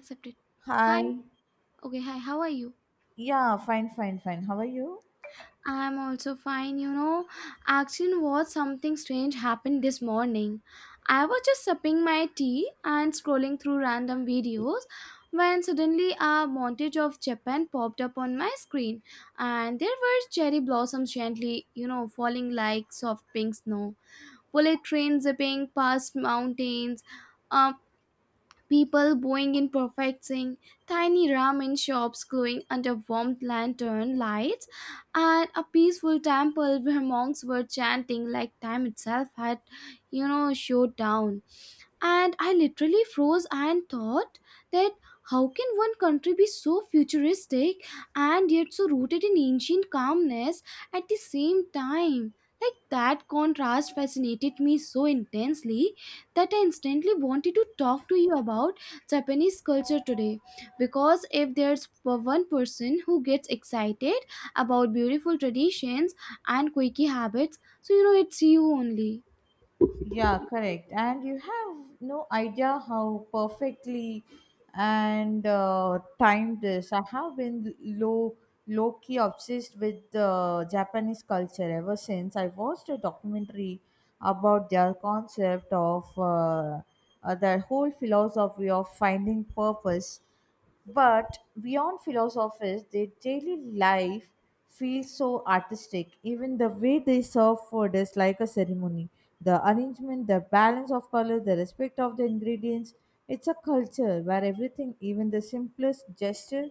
Accepted. Hi. Hi. Okay, hi. How are you? Yeah, fine, fine, fine. How are you? I'm also fine. Actually, what something strange happened this morning. I was just sipping my tea and scrolling through random videos when suddenly a montage of Japan popped up on my screen, and there were cherry blossoms gently, falling like soft pink snow, bullet trains zipping past mountains, um, People bowing in perfect sync, tiny ramen shops glowing under warm lantern lights, and a peaceful temple where monks were chanting like time itself had showed down. And I literally froze and thought that how can one country be so futuristic and yet so rooted in ancient calmness at the same time? Like, that contrast fascinated me so intensely that I instantly wanted to talk to you about Japanese culture today. Because if there's one person who gets excited about beautiful traditions and quirky habits, so you know it's you only. Yeah, correct. And you have no idea how perfectly and timed this. I have been low key obsessed with Japanese culture ever since I watched a documentary about their concept of their whole philosophy of finding purpose. But beyond philosophies, their daily life feels so artistic. Even the way they serve food is like a ceremony. The arrangement, the balance of color, the respect of the ingredients. It's a culture where everything, even the simplest gesture,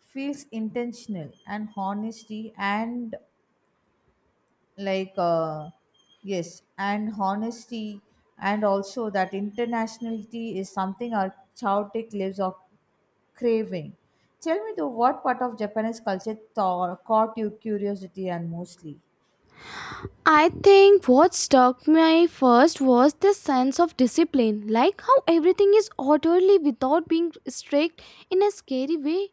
feels intentional and honesty and like yes and honesty and also that internationality is something our chaotic lives are craving. Tell me though, what part of Japanese culture caught your curiosity and mostly? I think what struck me first was the sense of discipline, like how everything is orderly without being strict in a scary way.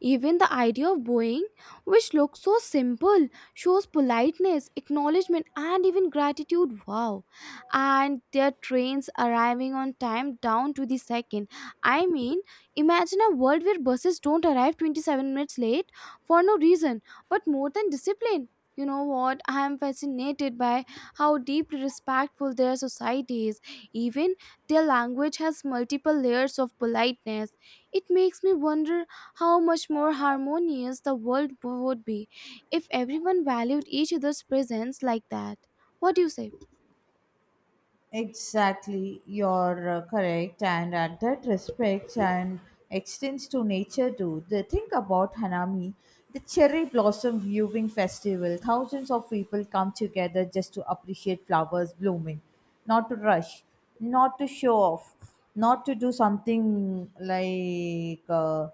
Even the idea of bowing, which looks so simple, shows politeness, acknowledgement, and even gratitude. Wow. And their trains arriving on time down to the second. I mean, imagine a world where buses don't arrive 27 minutes late for no reason, but more than discipline, you know what? I am fascinated by how deeply respectful their society is. Even their language has multiple layers of politeness. It makes me wonder how much more harmonious the world would be if everyone valued each other's presence like that. What do you say? Exactly, you're correct, and at that respects and extends to nature too. The thing about Hanami, the cherry blossom viewing festival, thousands of people come together just to appreciate flowers blooming, not to rush, not to show off, not to do something like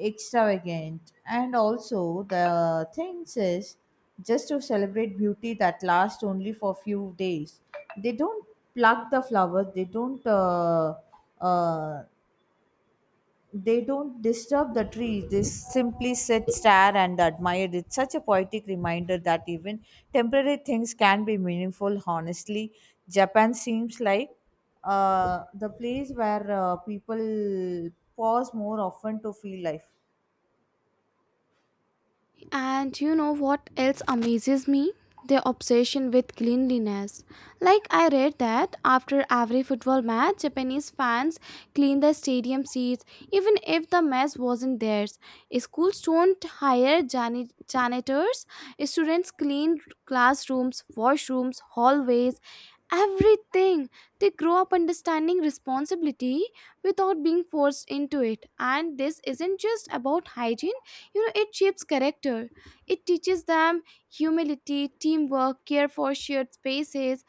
extravagant. And also, the thing is, just to celebrate beauty that lasts only for few days. They don't pluck the flowers. They don't. Uh, they don't disturb the trees. They simply sit, stare, and admire. It's such a poetic reminder that even temporary things can be meaningful. Honestly, Japan seems like the place where people pause more often to feel life. And you know what else amazes me? Their obsession with cleanliness. Like, I read that after every football match, Japanese fans clean the stadium seats even if the mess wasn't theirs. Schools don't hire janitors. Students clean classrooms, washrooms, hallways, everything. They grow up understanding responsibility without being forced into it. And this isn't just about hygiene. You know, it shapes character, it teaches them humility, teamwork, care for shared spaces.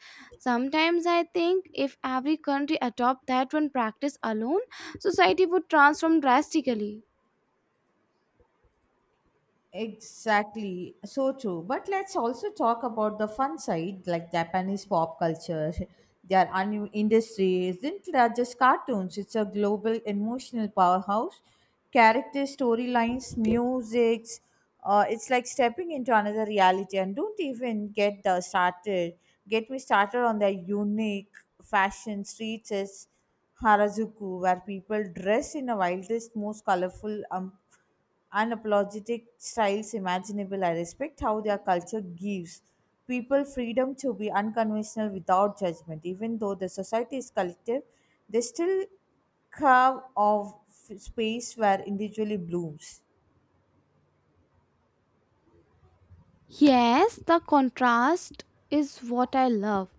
Sometimes I think if every country adopt that one practice alone, society would transform drastically. Exactly, so true. But let's also talk about the fun side, like Japanese pop culture. Their anime industry isn't just cartoons. It's a global emotional powerhouse. Characters, storylines, musics. It's like stepping into another reality. And don't even get the started. Get me started on their unique fashion streets. Is Harajuku, where people dress in the wildest, most colorful unapologetic styles imaginable. I respect how their culture gives people freedom to be unconventional without judgment. Even though the society is collective, they still carve of space where individually blooms. Yes, the contrast is what I love.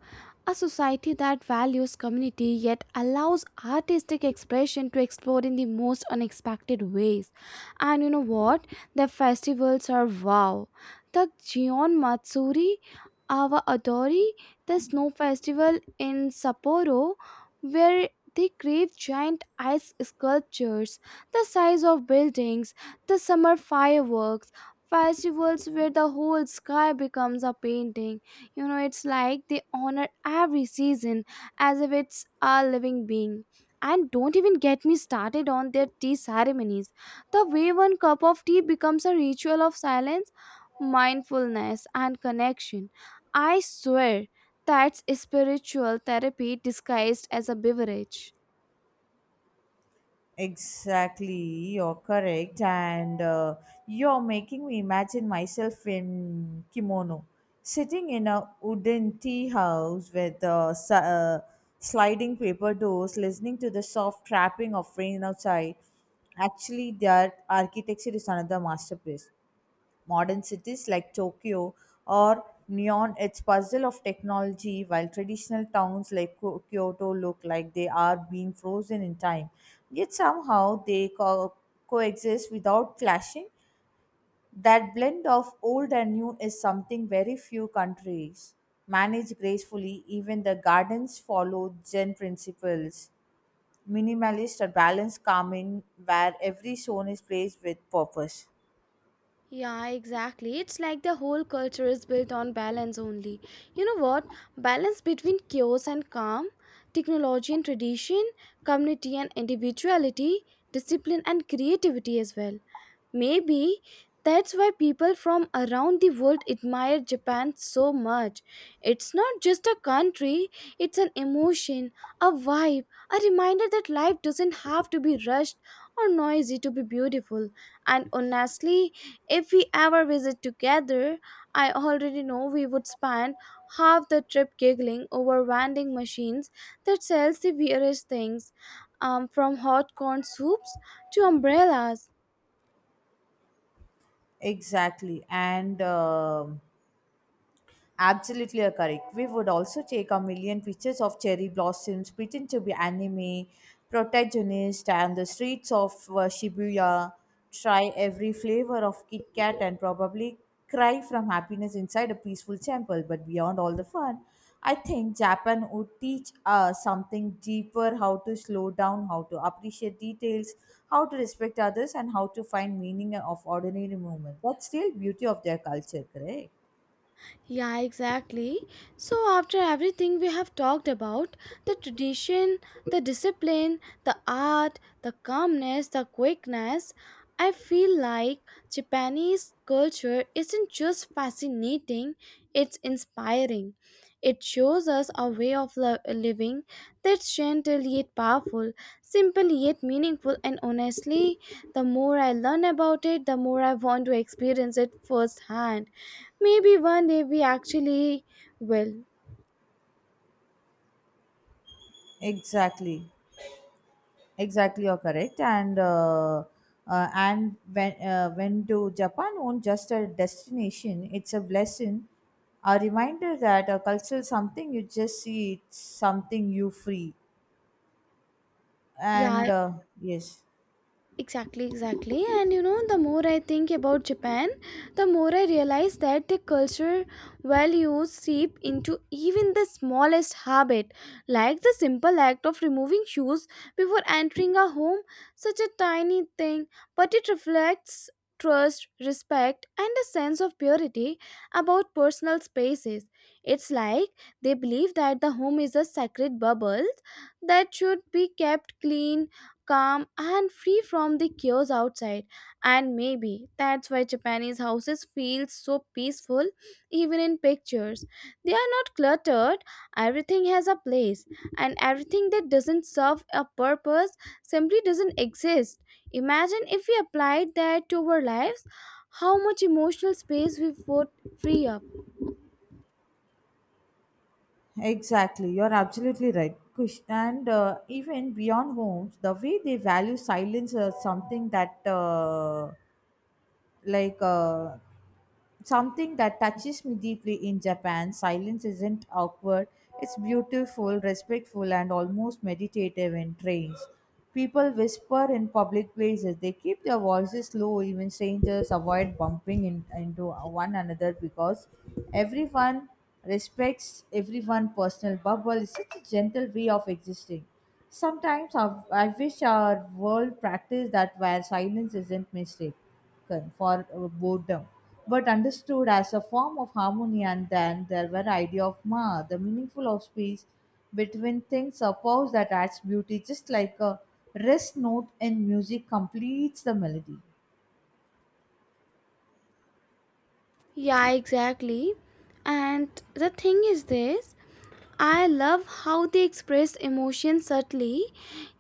A society that values community yet allows artistic expression to explore in the most unexpected ways. And you know what? The festivals are wow. The Gion Matsuri, Awa Adori, the snow festival in Sapporo, where they create giant ice sculptures the size of buildings, the summer fireworks festivals where the whole sky becomes a painting. You know, it's like they honor every season as if it's a living being. And don't even get me started on their tea ceremonies. The way one cup of tea becomes a ritual of silence, mindfulness, and connection. I swear, that's spiritual therapy disguised as a beverage. Exactly, you're correct, and you're making me imagine myself in kimono, sitting in a wooden tea house with sliding paper doors, listening to the soft trapping of rain outside. Actually, their architecture is another masterpiece. Modern cities like Tokyo or Neon, its puzzle of technology, while traditional towns like Kyoto look like they are being frozen in time. Yet somehow they coexist without clashing. That blend of old and new is something very few countries manage gracefully. Even the gardens follow Zen principles, minimalist or balanced calming, where every zone is placed with purpose. Yeah, exactly. It's like the whole culture is built on balance only. You know what? Balance between chaos and calm, technology and tradition, community and individuality, discipline and creativity as well. Maybe that's why people from around the world admire Japan so much. It's not just a country, it's an emotion, a vibe, a reminder that life doesn't have to be rushed or noisy to be beautiful. And honestly, if we ever visit together, I already know we would spend half the trip giggling over vending machines that sells the weirdest things, from hot corn soups to umbrellas. Exactly. And absolutely are correct. We would also take a million pictures of cherry blossoms, pretend to be anime protagonists, and the streets of Shibuya. Try every flavor of Kit Kat and probably cry from happiness inside a peaceful temple. But beyond all the fun, I think Japan would teach us something deeper: how to slow down, how to appreciate details, how to respect others, and how to find meaning of ordinary moments. That's the real beauty of their culture, correct? Yeah, exactly. So, after everything we have talked about, the tradition, the discipline, the art, the calmness, the quickness, I feel like Japanese culture isn't just fascinating, it's inspiring. It shows us a way of living that's gentle yet powerful, simple yet meaningful, and honestly, the more I learn about it, the more I want to experience it firsthand. Maybe one day we actually will. Exactly. Exactly, you're correct. And when when to Japan will not just a destination, it's a blessing, a reminder that a cultural something you just see, it's something you free. Yeah, And yes, exactly, exactly. And you know, the more I think about Japan, the more I realize that the culture values seep into even the smallest habit, like the simple act of removing shoes before entering a home, such a tiny thing, but it reflects trust, respect, and a sense of purity about personal spaces. It's like they believe that the home is a sacred bubble that should be kept clean, calm, and free from the chaos outside. And maybe that's why Japanese houses feel so peaceful. Even in pictures, they are not cluttered. Everything has a place, and everything that doesn't serve a purpose simply doesn't exist. Imagine if we applied that to our lives, how much emotional space we would free up. exactly, you're absolutely right. And even beyond homes, the way they value silence is like uh, something that touches me deeply in Japan. Silence isn't awkward, it's beautiful, respectful, and almost meditative in trains. People whisper in public places, they keep their voices low, even strangers avoid bumping into one another because everyone respects everyone's personal bubble. It's such a gentle way of existing. Sometimes I wish our world practiced that, where silence isn't mistaken for boredom, but understood as a form of harmony. And then there were idea of ma, the meaningful of space between things, a pause that adds beauty, just like a rest note in music completes the melody. Yeah, exactly. And the thing is this, I love how they express emotions subtly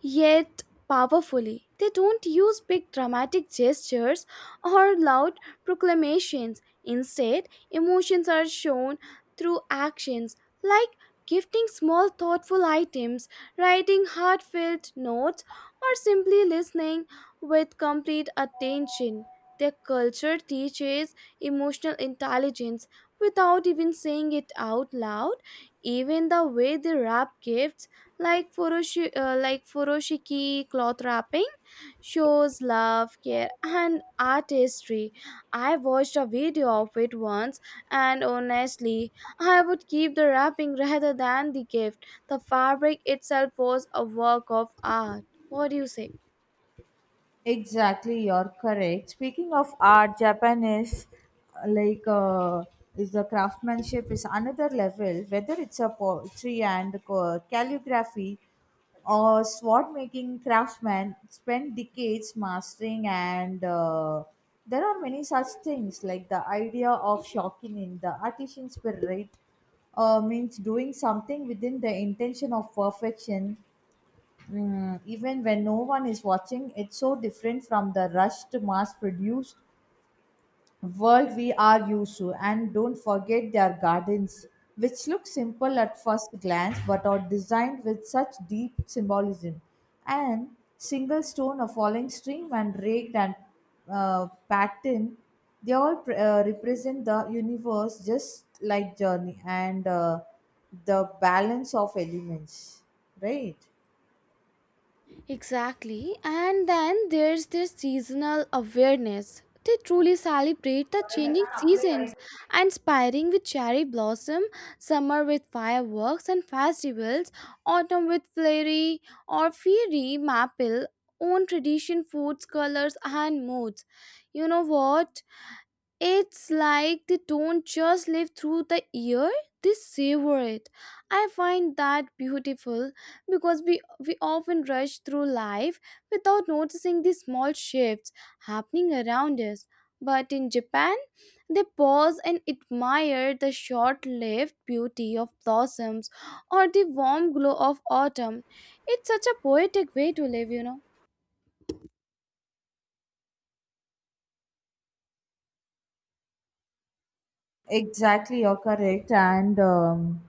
yet powerfully. They don't use big dramatic gestures or loud proclamations. Instead, emotions are shown through actions, like gifting small thoughtful items, writing heartfelt notes, or simply listening with complete attention. Their culture teaches emotional intelligence without even saying it out loud. Even the way they wrap gifts, like furoshiki cloth wrapping, shows love, care, and artistry. I watched a video of it once, and honestly, I would keep the wrapping rather than the gift. The fabric itself was a work of art. What do you say? Exactly, you're correct. Speaking of art, Japan uh, like uh, is the craftsmanship is another level. Whether it's a poetry and calligraphy or sword making, craftsmen spend decades mastering, and there are many such things like the idea of shocking in the artisan spirit, means doing something within the intention of perfection. Even when no one is watching, it's so different from the rushed, mass produced world we are used to. And don't forget their gardens, which look simple at first glance but are designed with such deep symbolism. And single stone, a falling stream, and raked and pattern, they all represent the universe just like journey and the balance of elements, right? Exactly. And then there's their seasonal awareness. They truly celebrate the changing seasons, and spring with cherry blossom, summer with fireworks and festivals, autumn with flurry or fairy maple, own tradition, foods, colors and moods. You know what? It's like they don't just live through the year, they savor it. I find that beautiful because we often rush through life without noticing the small shifts happening around us. But in Japan, they pause and admire the short lived beauty of blossoms or the warm glow of autumn. It's such a poetic way to live. Exactly, you're correct. And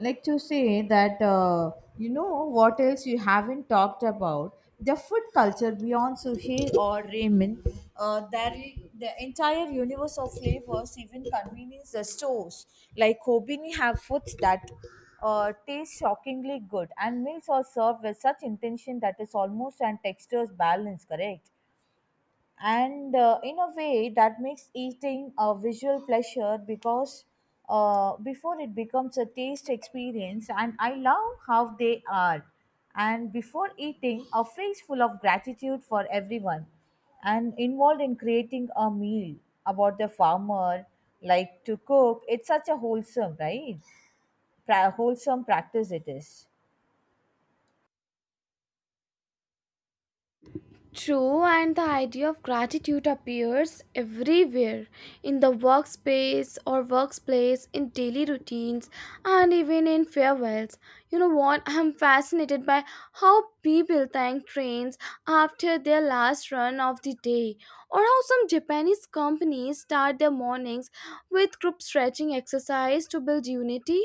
like to say that, what else you haven't talked about? The food culture beyond sushi or ramen, there, the entire universe of flavors, even convenience the stores. Like Kobini have foods that taste shockingly good, and meals are served with such intention that is almost and textures balance, correct? And in a way that makes eating a visual pleasure, because before it becomes a taste experience. And I love how they are, and before eating a phrase full of gratitude for everyone and involved in creating a meal about the farmer like to cook, it's such a wholesome, right? Wholesome practice it is. True, and the idea of gratitude appears everywhere, in the workspace or workplace, in daily routines, and even in farewells. You know what? I'm fascinated by how people thank trains after their last run of the day, or how some Japanese companies start their mornings with group stretching exercise to build unity.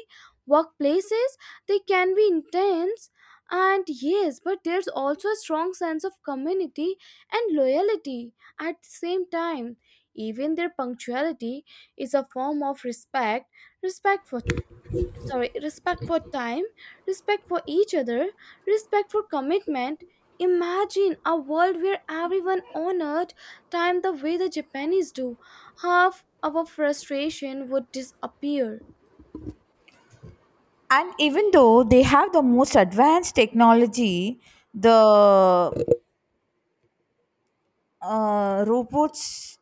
Workplaces, they can be intense and yes, but there's also a strong sense of community and loyalty at the same time. Even their punctuality is a form of respect, respect for, sorry, respect for time, respect for each other, respect for commitment. Imagine a world where everyone honored time the way the Japanese do. Half our frustration would disappear. And even though they have the most advanced technology, the robots,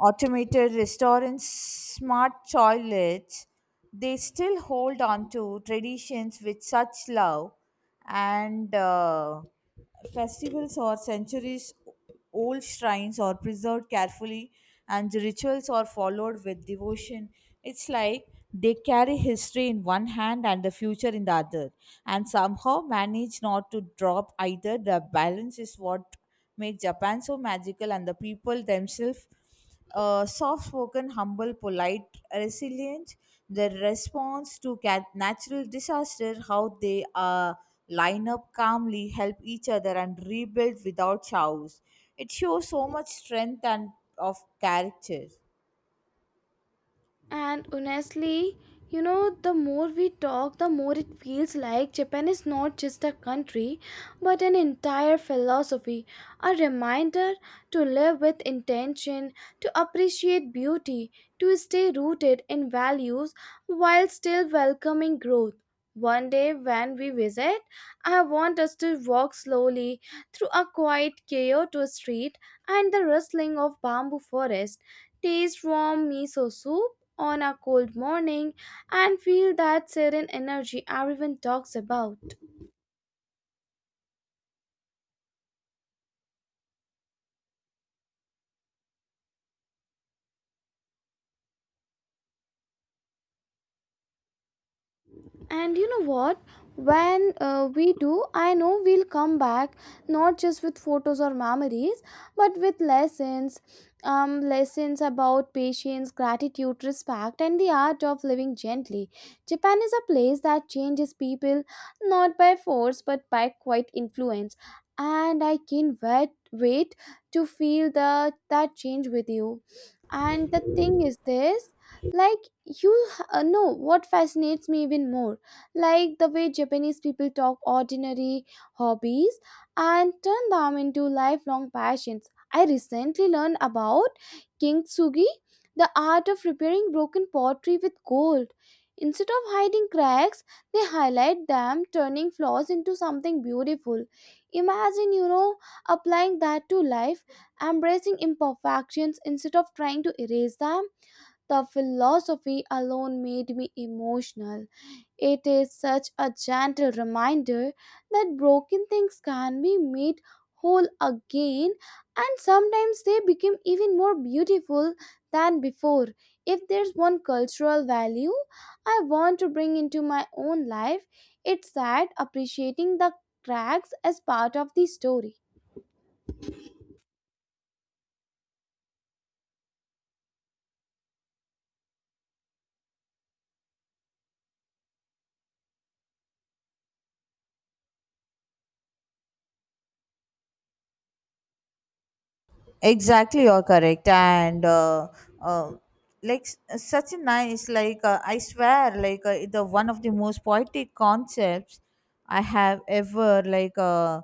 automated restaurants, smart toilets, they still hold on to traditions with such love, and festivals or centuries old shrines are preserved carefully, and the rituals are followed with devotion. It's like they carry history in one hand and the future in the other, and somehow manage not to drop either. The balance is what make Japan so magical, and the people themselves, soft spoken, humble, polite, resilient. Their response to natural disaster, how they line up calmly, help each other, and rebuild without chows. It shows so much strength and of character. And honestly, the more we talk, the more it feels like Japan is not just a country, but an entire philosophy, a reminder to live with intention, to appreciate beauty, to stay rooted in values while still welcoming growth. One day when we visit, I want us to walk slowly through a quiet Kyoto street and the rustling of bamboo forest, taste warm miso soup on a cold morning, and feel that serene energy everyone talks about. And you know what? When we do, I know we'll come back not just with photos or memories, but with lessons. Lessons about patience, gratitude, respect, and the art of living gently. Japan is a place that changes people not by force but by quiet influence. And I can't wait to feel that change with you. And the thing is this, like, you know what fascinates me even more, like the way Japanese people talk ordinary hobbies and turn them into lifelong passions. I recently learned about kintsugi, the art of repairing broken pottery with gold. Instead of hiding cracks, they highlight them, turning flaws into something beautiful. Imagine, applying that to life, embracing imperfections instead of trying to erase them. The philosophy alone made me emotional. It is such a gentle reminder that broken things can be made whole again, and sometimes they become even more beautiful than before. If there's one cultural value I want to bring into my own life, it's that, appreciating the cracks as part of the story. Exactly, you're correct. And uh, like such a nice, like, I swear, like, the one of the most poetic concepts I have ever, like,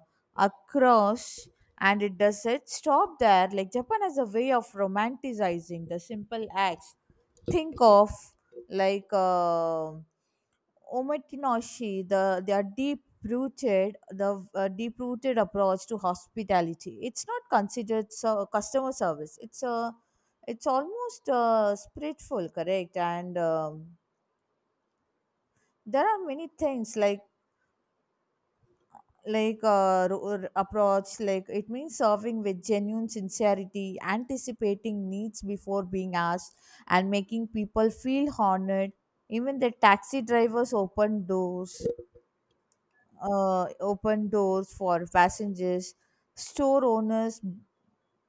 across. And it doesn't stop there. Like Japan has a way of romanticizing the simple acts. Think of like Omakinoshi, their deep rooted approach to hospitality. It's not considered so customer service. It's almost spiritual, correct? And there are many things, like approach. Like it means serving with genuine sincerity, anticipating needs before being asked and making people feel honored. Even the taxi drivers open doors, for passengers. Store owners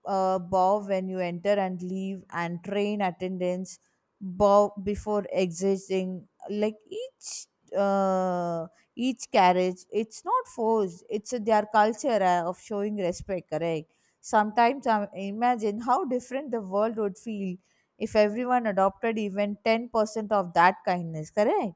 bow when you enter and leave, and train attendants bow before exiting. Like uh, each carriage. It's not forced. It's their culture of showing respect. Correct. Sometimes I imagine how different the world would feel if everyone adopted even 10% of that kindness. Correct.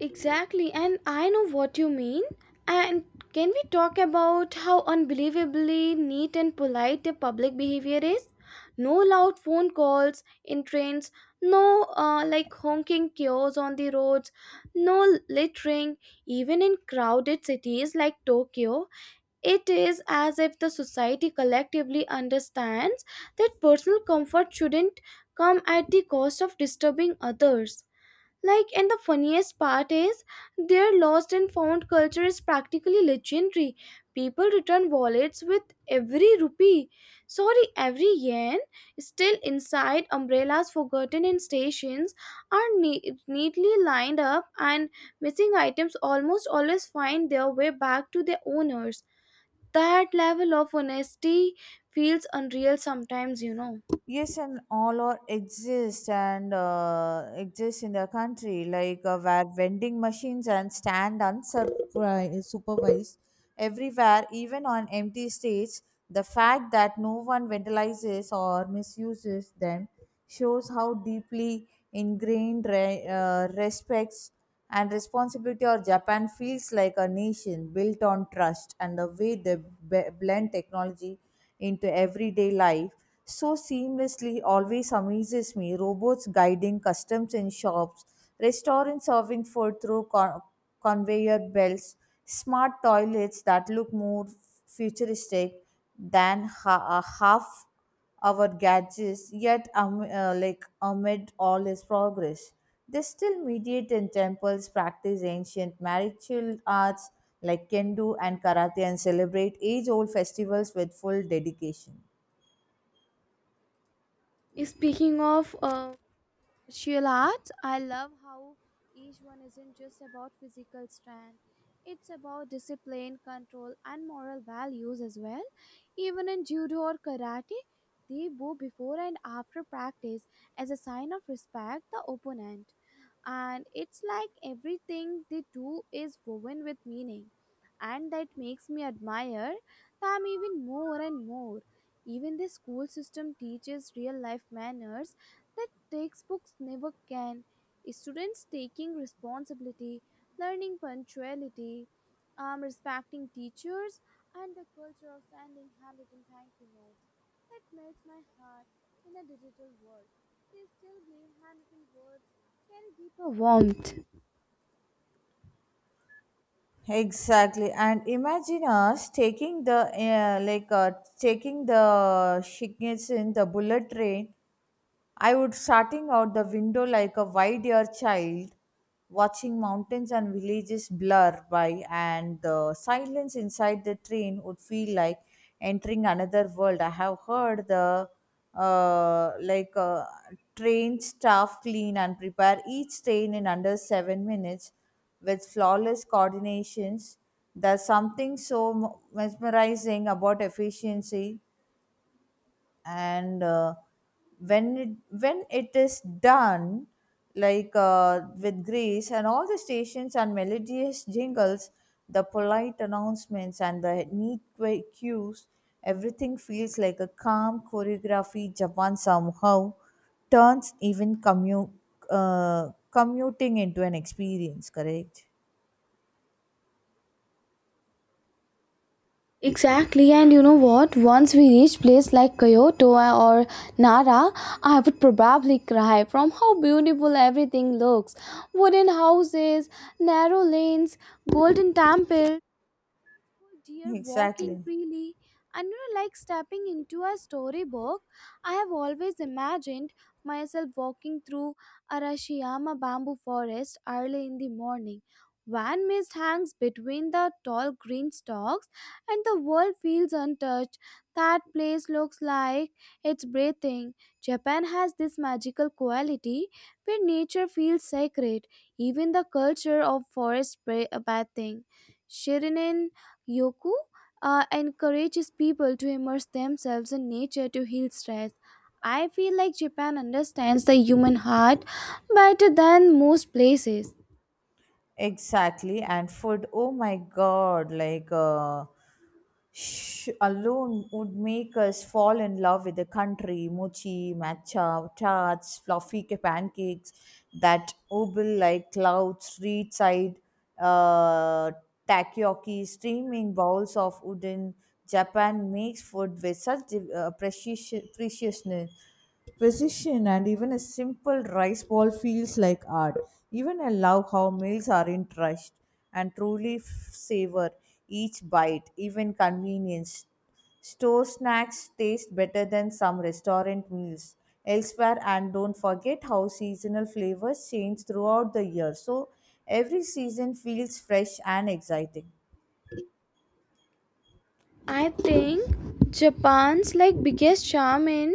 Exactly, and I know what you mean. And can we talk about how unbelievably neat and polite their public behavior is? No loud phone calls in trains, no like honking cures on the roads, no littering. Even in crowded cities like Tokyo, it is as if the society collectively understands that personal comfort shouldn't come at the cost of disturbing others. Like, and the funniest part is their lost and found culture is practically legendary. People return wallets with every rupee, sorry, every yen, still inside. Umbrellas forgotten in stations are neatly lined up, and missing items almost always find their way back to their owners. That level of honesty feels unreal sometimes. Yes, and all are exist in the country like, where vending machines and stand unsupervised, supervised everywhere, even on empty states. The fact that no one vandalizes or misuses them shows how deeply ingrained respects and responsibility or Japan feels like a nation built on trust. And the way they blend technology into everyday life so seamlessly always amazes me. Robots guiding customs in shops, restaurants serving food through conveyor belts, smart toilets that look more futuristic than half our gadgets. Yet like amid all this progress, they still mediate in temples, practice ancient martial arts like kendo and karate, and celebrate age-old festivals with full dedication. Speaking of martial arts, I love how each one isn't just about physical strength, it's about discipline, control, and moral values as well. Even in judo or karate, they bow before and after practice as a sign of respect the opponent. And it's like everything they do is woven with meaning, and that makes me admire them even more and more. Even the school system teaches real life manners that textbooks never can. Students taking responsibility, learning punctuality, respecting teachers, and the culture of sending handwritten thank you notes, that melts my heart. In a digital world, they still believe handwritten words can give a warmth. Exactly, and imagine us taking the Shinkansen, the bullet train. I would starting out the window like a wide-eared child, watching mountains and villages blur by, and the silence inside the train would feel like entering another world. I have heard the uh, like uh, train staff clean and prepare each train in under 7 minutes with flawless coordinations. There's something so mesmerizing about efficiency, and when it when it is done, like with grace, and all the stations and melodious jingles, the polite announcements and the neat cues, everything feels like a calm choreography. Japan somehow turns even commuting into an experience. Correct. Exactly, and you know what, once we reach place like Kyoto or Nara, I would probably cry from how beautiful everything looks. Wooden houses, narrow lanes, golden temple, beautiful deer walking Exactly. freely, and you know, like stepping into a storybook. I have always imagined myself walking through Arashiyama bamboo forest early in the morning, when mist hangs between the tall green stalks and the world feels untouched. That place looks like it's breathing. Japan has this magical quality where nature feels sacred. Even the culture of forest bathing, Shirinin Yoku, encourages people to immerse themselves in nature to heal stress. I feel like Japan understands the human heart better than most places. Exactly. And food, oh my God, like alone would make us fall in love with the country. Mochi, matcha, tarts, fluffy pancakes, that oval like cloud, street side, uh, takoyaki, steaming bowls of udon. Japan makes food with such div- precious- preciousness. Precision and even a simple rice ball feels like art. Even I love how meals are in trust and truly savor each bite, even convenience. Store snacks taste better than some restaurant meals elsewhere, and don't forget how seasonal flavors change throughout the year. So every season feels fresh and exciting. I think Japan's like biggest charm in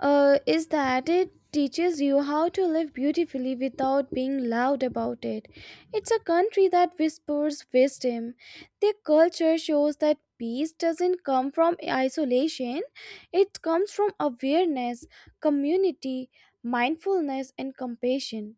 is that it teaches you how to live beautifully without being loud about it. It's a country that whispers wisdom. Their culture shows that peace doesn't come from isolation, it comes from awareness, community, mindfulness, and compassion.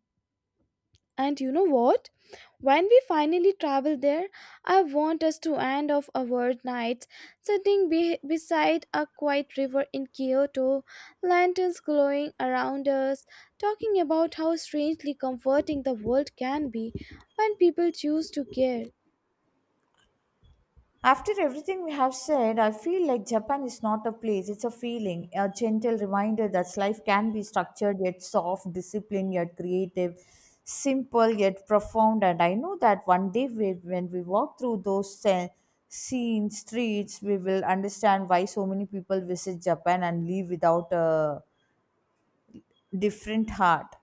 And you know what? When we finally travel there, I want us to end off our nights sitting beside a quiet river in Kyoto, lanterns glowing around us, talking about how strangely comforting the world can be when people choose to care. After everything we have said, I feel like Japan is not a place, it's a feeling, a gentle reminder that life can be structured yet soft, disciplined yet creative, simple yet profound. And I know that one day when we walk through those scenes, streets, we will understand why so many people visit Japan and leave without a different heart.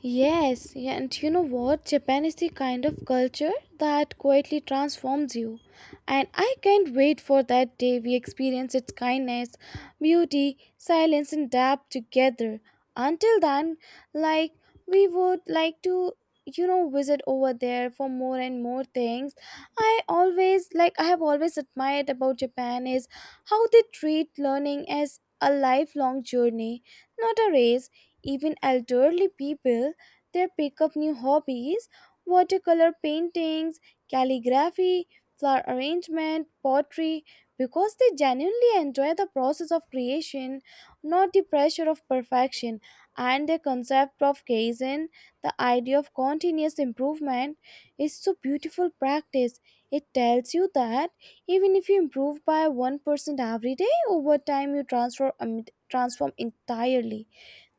Yes, yeah, and you know what? Japan is the kind of culture that quietly transforms you. And I can't wait for that day we experience its kindness, beauty, silence, and depth together. Until then, like, we would like to, visit over there for more and more things. I have always admired about Japan is how they treat learning as a lifelong journey, not a race. Even elderly people, they pick up new hobbies, watercolor paintings, calligraphy, flower arrangement, pottery, because they genuinely enjoy the process of creation, not the pressure of perfection. And the concept of kaizen, the idea of continuous improvement, is so beautiful practice. It tells you that even if you improve by 1% every day, over time you transform entirely.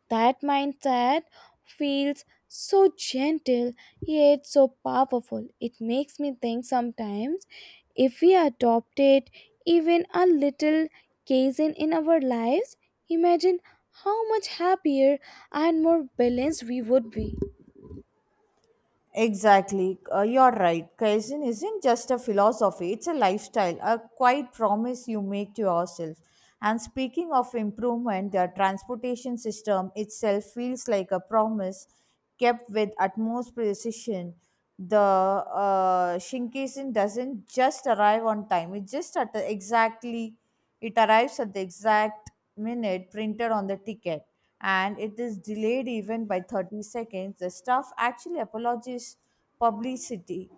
That mindset feels so gentle yet so powerful. It makes me think sometimes, if we adopted even a little Kaizen in our lives, imagine how much happier and more balanced we would be. Exactly. You're right. Kaizen isn't just a philosophy, it's a lifestyle, a quiet promise you make to yourself. And speaking of improvement, the transportation system itself feels like a promise kept with utmost precision. The Shinkansen doesn't just arrive on time, it arrives at the exact minute printed on the ticket, and it is delayed even by 30 seconds. The staff actually apologizes publicity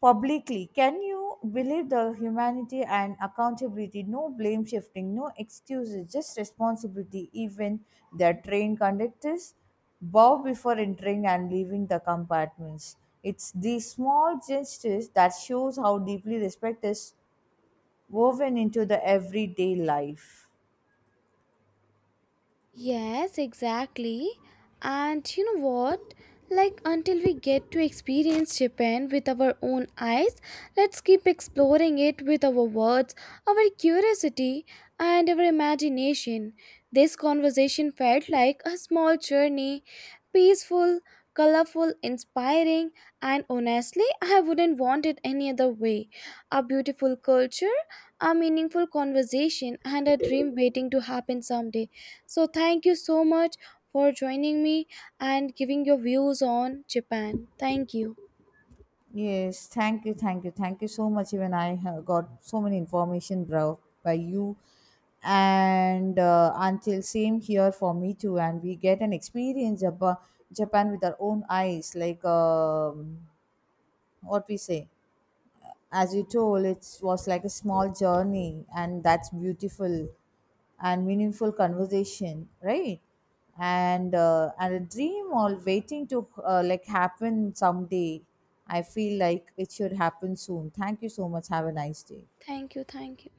publicly. Can you believe the humanity and accountability? No blame shifting, no excuses, just responsibility. Even their train conductors bow before entering and leaving the compartments. It's these small gestures that shows how deeply respect is woven into the everyday life. Yes, exactly. And you know what? Like, until we get to experience Japan with our own eyes, let's keep exploring it with our words, our curiosity, and our imagination. This conversation felt like a small journey, peaceful, colorful, inspiring, and honestly, I wouldn't want it any other way. A beautiful culture, a meaningful conversation, and a dream waiting to happen someday. So, thank you so much for joining me and giving your views on Japan. Thank you. Yes, thank you, thank you, thank you so much. Even I have got so many information, bro, by you, and until same here for me too. And we get an experience about Japan with our own eyes, like, what we say. As you told, it was like a small journey, and that's beautiful and meaningful conversation, right? And a dream all waiting to like happen someday. I feel like it should happen soon. Thank you so much. Have a nice day. Thank you. Thank you.